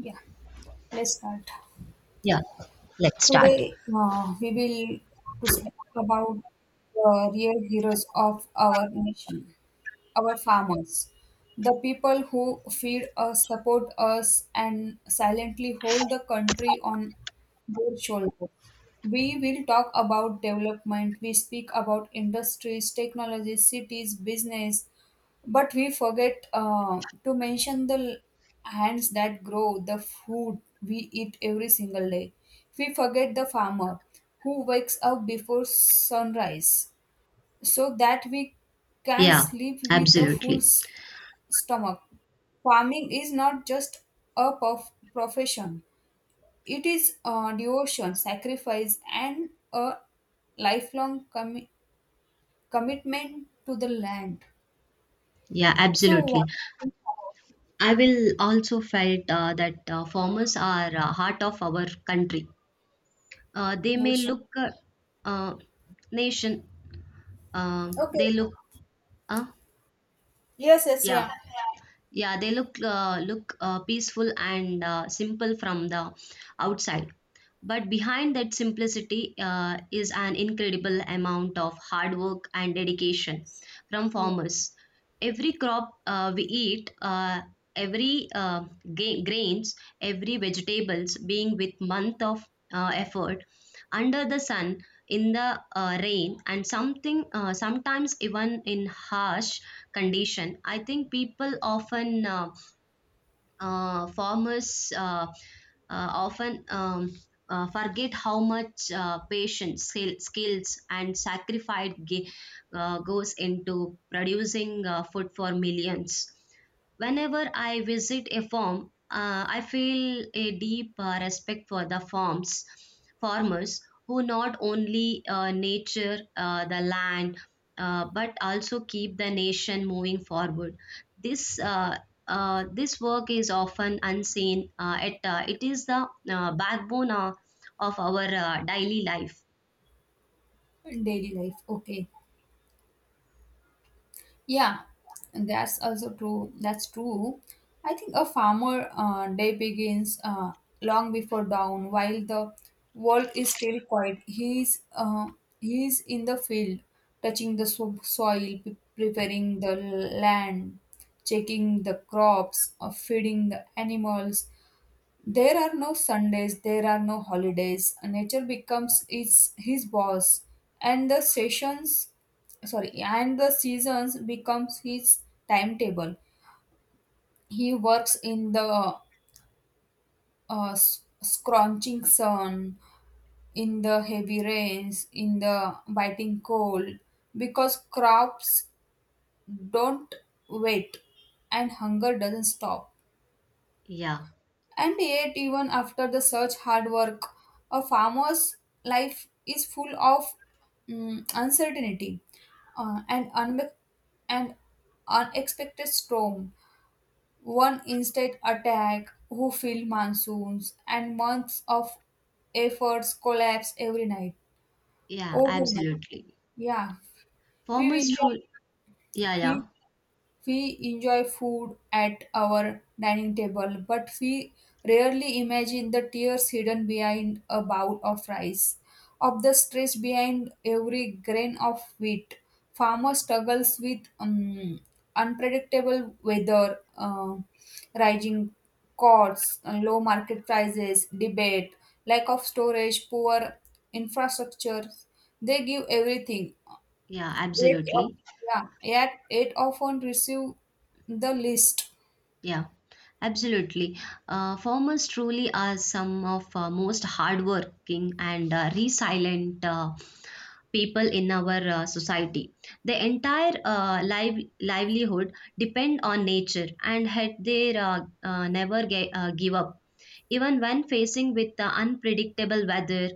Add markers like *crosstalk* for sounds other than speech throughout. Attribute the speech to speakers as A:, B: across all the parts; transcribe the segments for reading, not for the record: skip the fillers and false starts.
A: Yeah, let's start.
B: Yeah, let's start.
A: Today, we will to speak about the real heroes of our nation, our farmers, the people who feed us, support us, and silently hold the country on their shoulders. We will talk about development. We speak about industries, technology, cities, business, but we forget to mention the hands that grow the food we eat every single day. We forget the farmer who wakes up before sunrise so that we can
B: Yeah,
A: sleep with a full
B: absolutely.
A: stomach. Farming is not just a profession, it is a devotion, sacrifice, and a lifelong commitment to the land.
B: Yeah,
A: So, what
B: absolutely.
A: do you think about
B: I will also felt that farmers are heart of our country. They may
A: nation?
B: look uh, nation.
A: Okay.
B: They look. Uh,
A: Yes, yes,
B: yeah,
A: yeah.
B: Yeah, they look peaceful and simple from the outside, but behind that simplicity is an incredible amount of hard work and dedication from
A: Yeah.
B: farmers. Every crop we eat, every uh, grains, every vegetables, being with month of effort under the sun in the rain and something sometimes even in harsh condition. I think people often farmers often forget how much patience, skills, and sacrifice goes into producing food for millions. Whenever I visit a farm, I feel a deep respect for the farmers who not only nature the land but also keep the nation moving forward. This uh, this work is often unseen. It is the backbone of our daily life.
A: Daily life, okay. Yeah, and that's also true. That's true. I think a farmer day begins, long before dawn, while the world is still quiet. He is in the field, touching the soil, preparing the land, checking the crops, feeding the animals. There are no Sundays, there are no holidays. Nature becomes his boss, and the sessions, sorry, and the seasons becomes his timetable. He works in the scorching sun, in the heavy rains, in the biting cold, because crops don't wait, and hunger doesn't stop.
B: Yeah,
A: And yet, even after the such hard work, a farmer's life is full of uncertainty and and unexpected storm. One instant attack, who feel monsoons, and months of efforts collapse every night.
B: yeah,
A: Oh my,
B: absolutely.
A: yeah. We
B: Farmers
A: will,
B: truly, yeah,
A: we
B: yeah,
A: we enjoy food at our dining table, but we rarely imagine the tears hidden behind a bowl of rice, of the stress behind every grain of wheat. Farmer struggles with unpredictable weather, rising costs, low market prices, debate, lack of storage, poor infrastructure. They give everything.
B: yeah,
A: Yet, of-
B: absolutely.
A: yeah, yet, it often receive the least.
B: Yeah, absolutely. Farmers truly are some of most hardworking and resilient people in our society. The entire livelihood depend on nature and had they never ge- give up, even when facing with the unpredictable weather,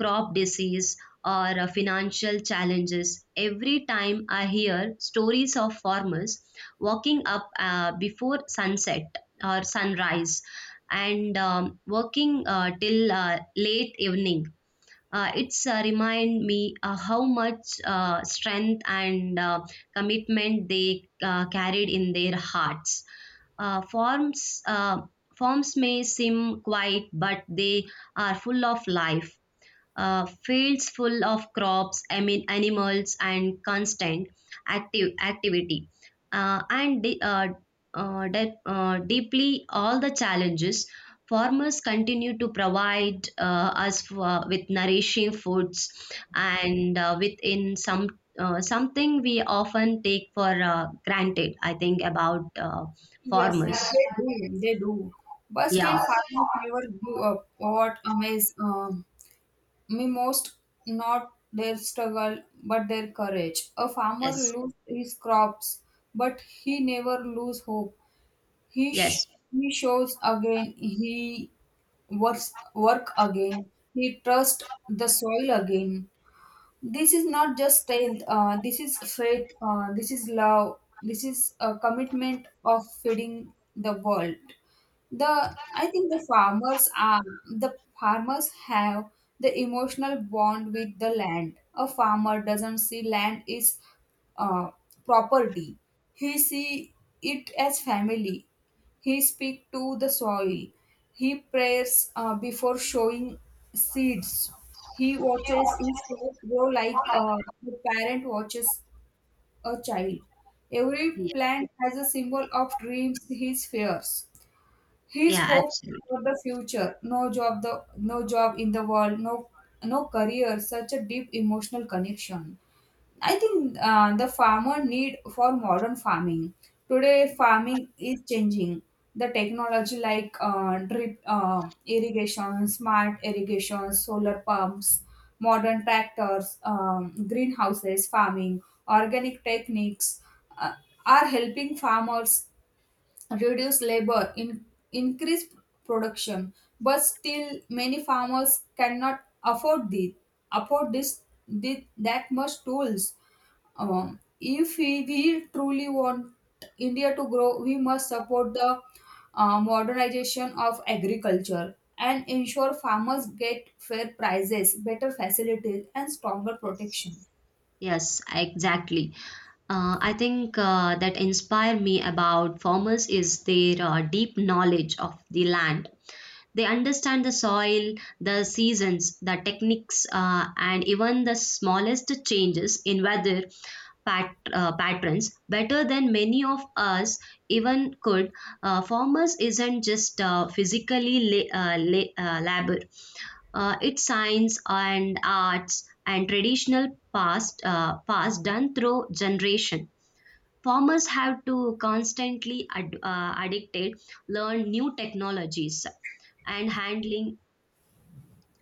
B: crop disease, or financial challenges. Every time I hear stories of farmers walking up before sunset or sunrise and working till late evening it's remind me how much strength and commitment they carried in their hearts. Uh, forms uh, forms may seem quiet, but they are full of life, fields full of crops, I mean animals, and constant active activity, uh, and de- uh, deeply all the challenges. Farmers continue to provide us with nourishing foods, and within some something we often take for granted. I think about
A: Yes, yes,
B: farmers.
A: they do, they do. But still,
B: Yeah.
A: farmers never give up. What amazes me most, not their struggle, but their courage. A farmer
B: Yes.
A: loses his crops, but he never loses hope. He,
B: Yes.
A: sh- he shows again, he works, work again, he trusts the soil again. This is not just strength. This is faith. This is love. This is a commitment of feeding the world. The I think the farmers have the emotional bond with the land. A farmer doesn't see land is uh, property. He see it as family. He speaks to the soil. He prays before showing seeds. He watches his faith grow like the parent watches a child. Every
B: Yeah.
A: plant has a symbol of dreams, his fears, his
B: Yeah,
A: hope for
B: absolutely.
A: the future. No job, in the world, no career. Such a deep emotional connection. I think the farmer need for modern farming. Today, farming is changing. The technology like drip irrigation, smart irrigation, solar pumps, modern tractors, greenhouses, farming, organic techniques uh, are helping farmers reduce labor, increase production. But still, many farmers cannot afford this, the that much tools. Um, if we truly want India to grow, we must support the modernization of agriculture and ensure farmers get fair prices, better facilities, and stronger
B: Yes.
A: protection.
B: Yes. Exactly. I think that inspire me about farmers is their deep knowledge of the land. They understand the soil, the seasons, the techniques, and even the smallest changes in weather patterns better than many of us even could. Farmers isn't just physically labor; it's science and arts and traditional past done through generation. Farmers have to constantly addicted learn new technologies and handling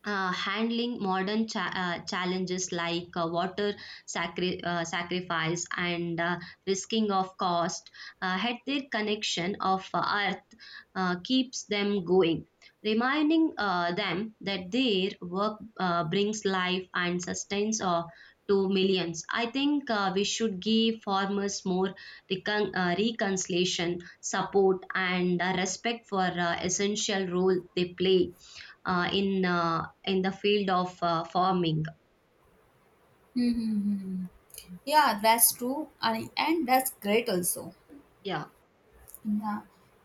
B: uh, handling modern challenges like water sacrifice and risking of cost. Had their connection of earth keeps them going, reminding them that their work brings life and sustains to millions. I think we should give farmers more reconciliation support and respect for essential role they play uh, in uh, in the field of farming.
A: Hmm. Hmm, hmm. Hmm. Yeah, that's true, and that's great also.
B: Yeah,
A: Yeah.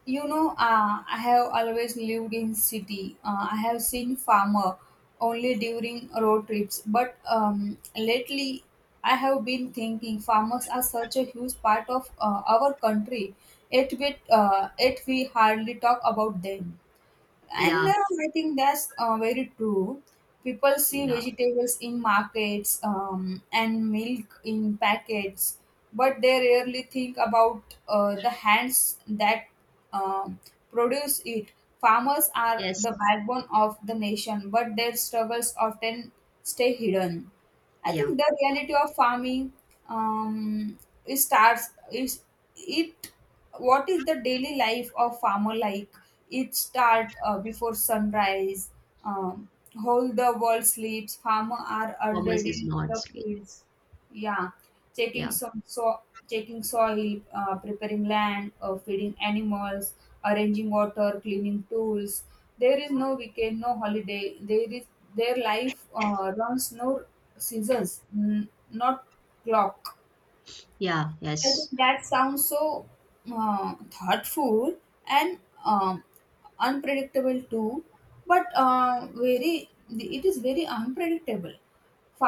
A: You know, I have always lived in city. I have seen farmer only during road trips, but lately I have been thinking farmers are such a huge part of our country. Yet we hardly talk about them. And
B: yeah,
A: I think that's very true. People see
B: yeah.
A: vegetables in markets and milk in packets, but they rarely think about the hands that um produce it. Farmers are
B: Yes,
A: the backbone of the nation, but their struggles often stay hidden. I
B: yeah.
A: think the reality of farming, um, it starts is it what is the daily life of farmer like? It start before sunrise. Um, Whole the world sleeps. Farmer are
B: Farmers
A: already
B: is
A: in
B: not
A: the
B: sleep.
A: fields. Yeah, checking
B: Yeah,
A: some so checking soil, preparing land, feeding animals, arranging water, cleaning tools. There is no weekend, no holiday. There is their life runs no seasons, not clock.
B: yeah,
A: I think
B: yes,
A: that sounds so thoughtful and um, unpredictable too, but very it is very unpredictable.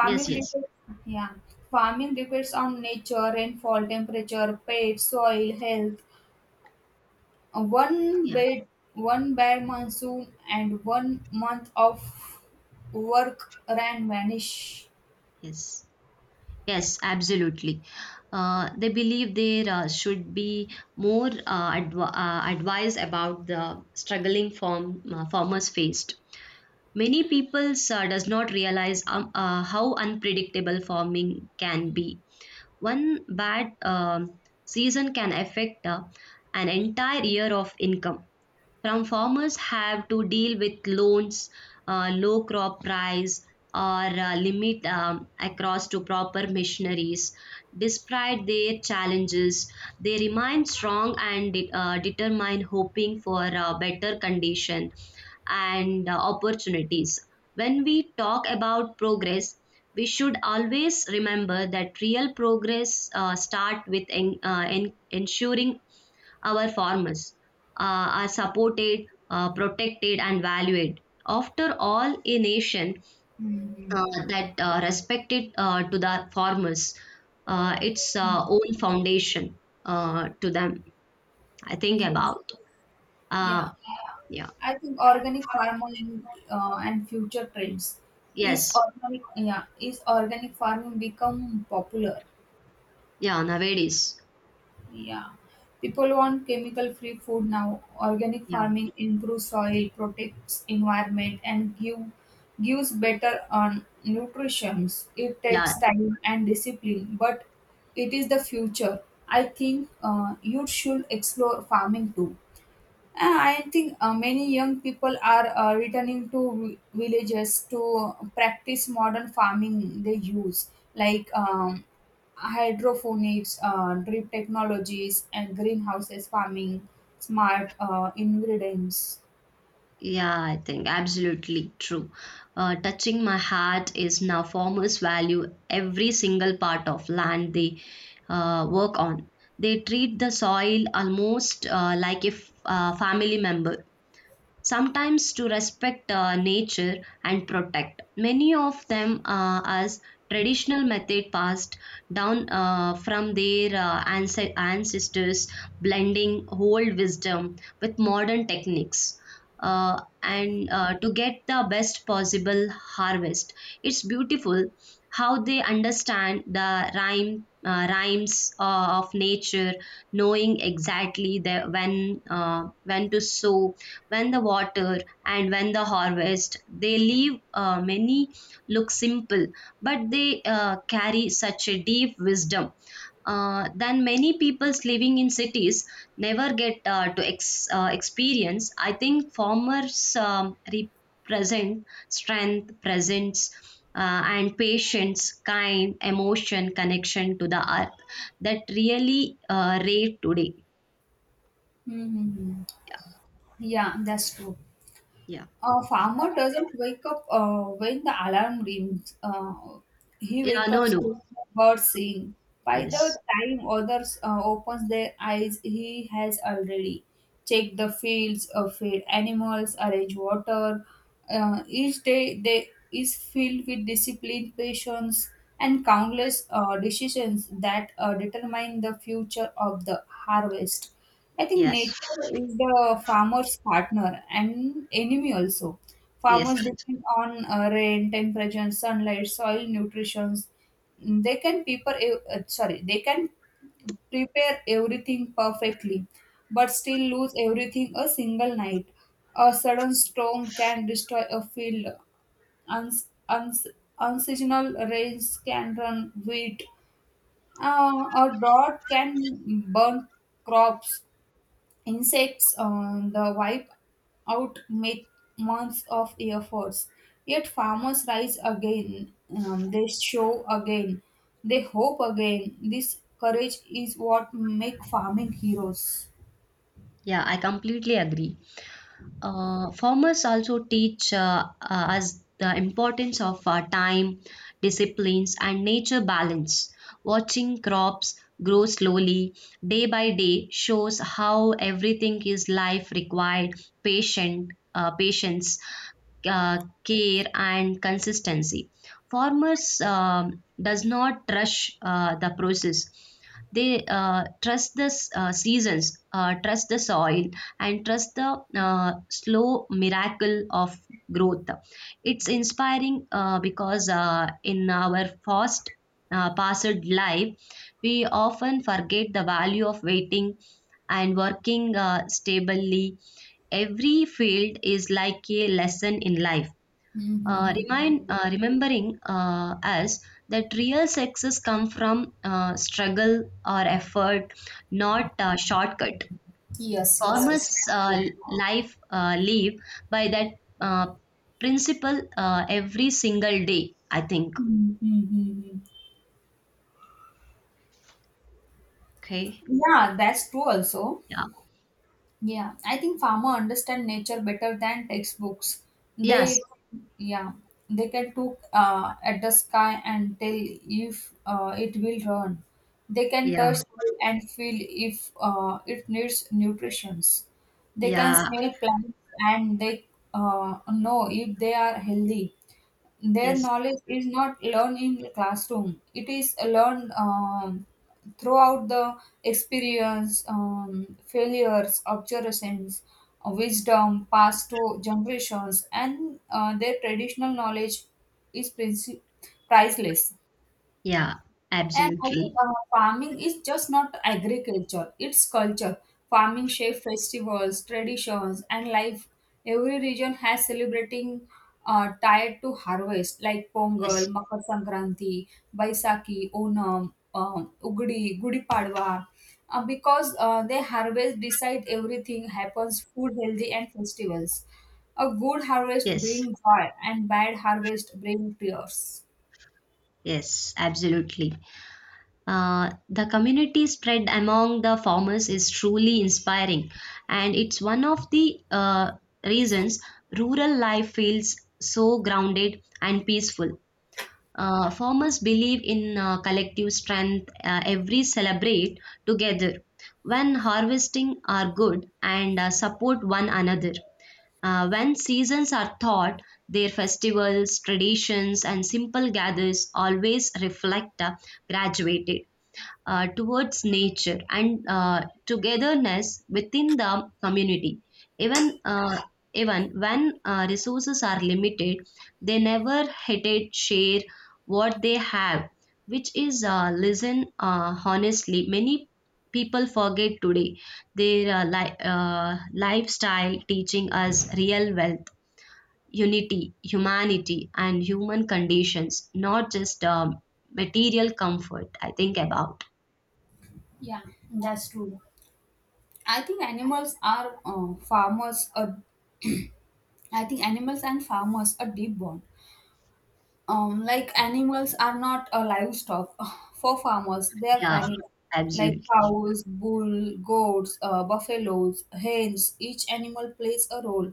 B: yes, yes,
A: depends, yeah, farming depends on nature, rainfall, temperature, pest, soil health. Uh, One
B: yeah,
A: bad, one bad monsoon and one month of work ran vanish.
B: yes. Yes, absolutely. They believe there should be more advice about the struggling farmers faced. Many people does not realize how unpredictable farming can be. One bad season can affect an entire year of income. From farmers have to deal with loans, low crop price, or limit across to proper missionaries. Despite their challenges, they remain strong and determined, hoping for a better condition and opportunities. When we talk about progress, we should always remember that real progress start with ensuring our farmers are supported, protected, and valued. After all, a nation
A: Mhm.
B: that respected to the farmers, its own foundation to them. I think
A: Yes.
B: about uh,
A: Yeah.
B: yeah,
A: I think organic farming and future trends is
B: yes,
A: organic. Yeah, is organic farming become popular?
B: yeah, nowadays,
A: Yeah, people want chemical-free food now. Organic
B: yeah,
A: farming improves soil, protects environment, and gives better on nutrition. It
B: yeah.
A: takes time and discipline, but it is the future. I think you should explore farming too. I think many young people are returning to villages to practice modern farming they use, like hydroponics, drip technologies, and greenhouses farming, smart ingredients.
B: Yeah, I think absolutely true. Touching my heart is now farmers value every single part of land they work on. They treat the soil almost like a family member, sometimes to respect nature and protect. Many of them as traditional method passed down from their ancestors, blending old wisdom with modern techniques. uh, and to get the best possible harvest. It's beautiful how they understand the rhyme rhymes of nature, knowing exactly the uh, when to sow, when the water, and when the harvest. They leave many look simple, but they carry such a deep wisdom than many people's living in cities never get to experience. I think farmers represent strength, presence and patience, kind emotion connection to the earth that really rare today.
A: Mm-hmm. Yeah, that's true.
B: Yeah.
A: A farmer doesn't wake up when the alarm rings. He
B: Yeah,
A: wakes up
B: no, no.
A: with the birds sing. By
B: Yes,
A: the time others opens their eyes, he has already checked the fields, fed animals, arranged water. Each day they is filled with discipline, patience, and countless decisions that determine the future of the harvest. I think
B: yes.
A: nature is the farmer's partner and enemy also.
B: Yes.
A: Farmers
B: Yes.
A: depend on rain, temperature, sunlight, soil nutrition. They can prepare ev- sorry, they can prepare everything perfectly, but still lose everything a single night. A sudden storm can destroy a field. Uns- uns- Unseasonal rains can run wheat. A drought can burn crops. Insects on the wipe out months of efforts. Yet farmers rise again, they show again, they hope again. This courage is what make farming heroes.
B: Yeah, I completely agree. Farmers also teach us the importance of time, disciplines, and nature balance. Watching crops grow slowly day by day shows how everything is life required patience, uh, care, and consistency. Farmers does not rush the process. They trust the seasons, trust the soil, and trust the slow miracle of growth. It's inspiring because in our fast paced life, we often forget the value of waiting and working stably. Every field is like a lesson in life.
A: Mm-hmm.
B: Remind remembering us that real success come from struggle or effort, not shortcut.
A: Yes, yes, yes.
B: Farmers
A: That's true.
B: life live by that uh, principle every single day. I think.
A: Mhm.
B: Okay.
A: Yeah, that's true also.
B: Yeah,
A: Yeah, I think farmer understand nature better than textbooks.
B: yes,
A: They, yeah, they can look at the sky and tell if it will run. They can
B: yeah,
A: touch soil and feel if it needs nutrition. They can
B: yeah,
A: smell plants and they know if they are healthy. Their
B: yes,
A: knowledge is not learned in classroom. It is learned throughout the experience, failures, observations, wisdom passed to generations. And their traditional knowledge is priceless.
B: yeah,
A: And I think
B: absolutely.
A: farming is just not agriculture, it's culture. Farming shape festivals, traditions, and life. Every region has celebrating tied to harvest like Pongal,
B: Yes,
A: Makar Sankranti, Baisakhi, Onam, Ugadi, Gudi Padwa. Because they harvest, decide everything happens, food, healthy, and festivals. A good harvest
B: yes,
A: brings joy, and bad harvest brings tears.
B: yes, absolutely. The community spread among the farmers is truly inspiring, and it's one of the uh, reasons rural life feels so grounded and peaceful. Farmers believe in collective strength. Every celebrate together when harvesting are good and support one another. When seasons are taught, their festivals, traditions, and simple gathers always reflect graduated towards nature and togetherness within the community. Even uh, even when resources are limited, they never hated share what they have, which is listen honestly. Many people forget today their lifestyle teaching us real wealth, unity, humanity, and human conditions, not just material comfort. I think about.
A: Yeah, that's true. I think animals are farmers. I think animals and farmers are deep bond. Like animals are not a livestock *sighs* for farmers; they are
B: Yeah,
A: family, like
B: absolutely.
A: cows, bull, goats, buffaloes, hens. Each animal plays a role,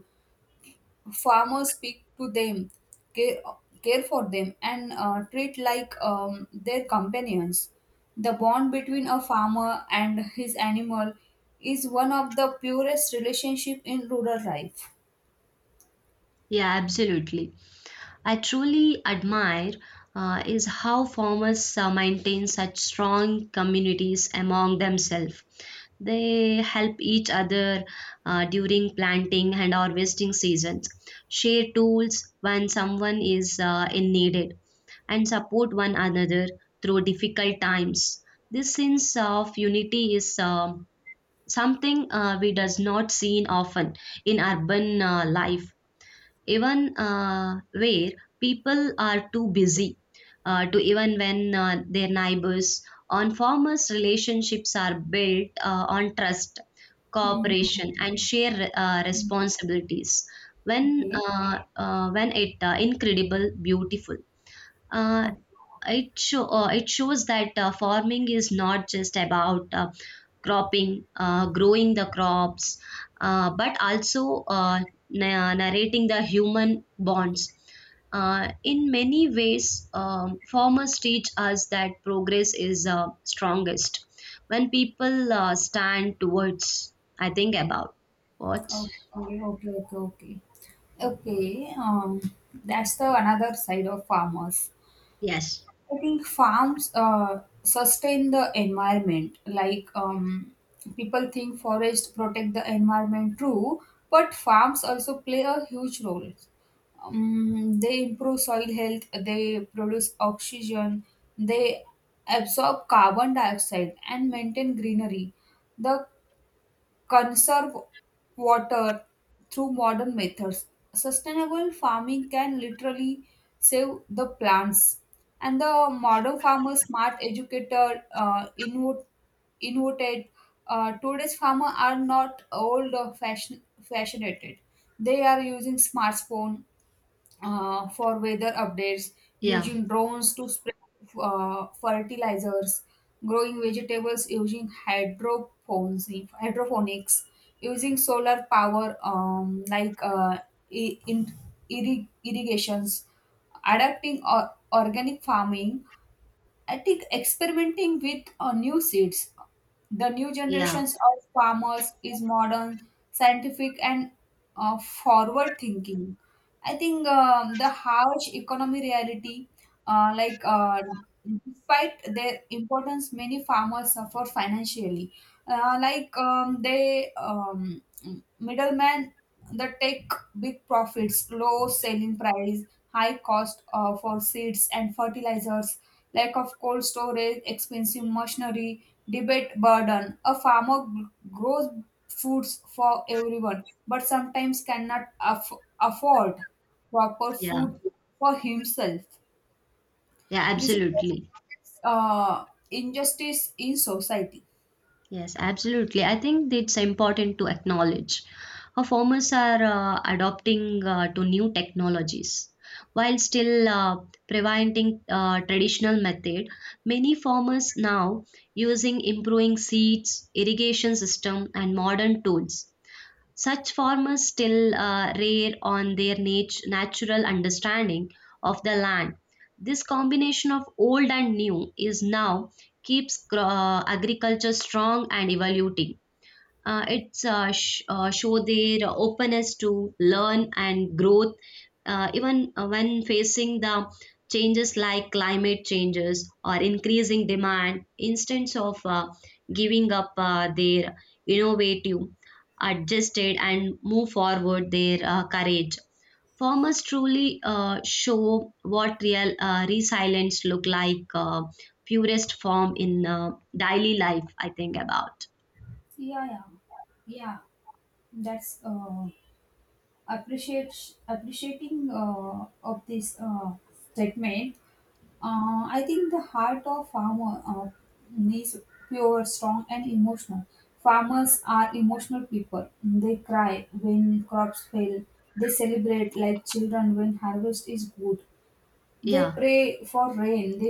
A: farmers speak to them, care, care for them, and treat like their companions. The bond between a farmer and his animal is one of the purest relationship in rural life.
B: Yeah, absolutely. I truly admire is how farmers maintain such strong communities among themselves. They help each other during planting and harvesting seasons, share tools when someone is in needed, and support one another through difficult times. This sense of unity is something we does not seen often in urban life, even where people are too busy to even when their neighbors on farmers relationships are built on trust,
A: Mm-hmm.
B: cooperation, and share responsibilities. when
A: Okay.
B: uh, uh, when it incredible beautiful, uh,
A: Okay.
B: it show it shows that farming is not just about growing the crops, but also narrating the human bonds. In many ways, farmers teach us that progress is strongest when people stand towards. I think about what?
A: Okay. Okay. Okay. Okay. Okay. That's the another side of farmers.
B: Yes.
A: I think farms sustain the environment. Like people think forests protect the environment, true, but farms also play a huge role. They improve soil health, they produce oxygen, they absorb carbon dioxide, and maintain greenery. The conserve water through modern methods. Sustainable farming can literally save the plants. And the modern farmer, smart educator, innovated, today's farmer are not old or fashionated. They are using smartphone, for weather updates,
B: Yeah.
A: using drones to spread fertilizers, growing vegetables using hydroponics, using solar power, like in irrigations, adapting organic farming. I think experimenting with new seeds, the new
B: Yeah.
A: generations of farmers is modern, scientific, and forward thinking. I think the harsh economy reality, like despite their importance, many farmers suffer financially. Like they, middlemen the tech big profits, low selling price, high cost for seeds and fertilizers, lack of cold storage, expensive machinery, debate burden. A farmer grows foods for everyone, but sometimes cannot afford proper
B: Yeah.
A: food for himself.
B: Yeah.
A: This is
B: Absolutely.
A: injustice in society.
B: Yes, absolutely. I think it's important to acknowledge how farmers are adopting to new technologies. While still preventing traditional method, many farmers now using improving seeds, irrigation system, and modern tools. Such farmers still rare on their nat- natural understanding of the land. This combination of old and new is now keeps agriculture strong and evolving. It's show their openness to learn and growth, even when facing the changes like climate changes or increasing demand. Instead of giving up, their innovative, adjusted, and move forward their courage. Farmers truly show what real resilience look like. Purest form in daily life. I think about
A: Yeah, yeah, yeah. That's appreciate appreciating of this statement. I think the heart of farmer is pure, strong, and emotional. Farmers are emotional people. They cry when crops fail. They celebrate like children when harvest is good. They
B: yeah.
A: pray for rain. They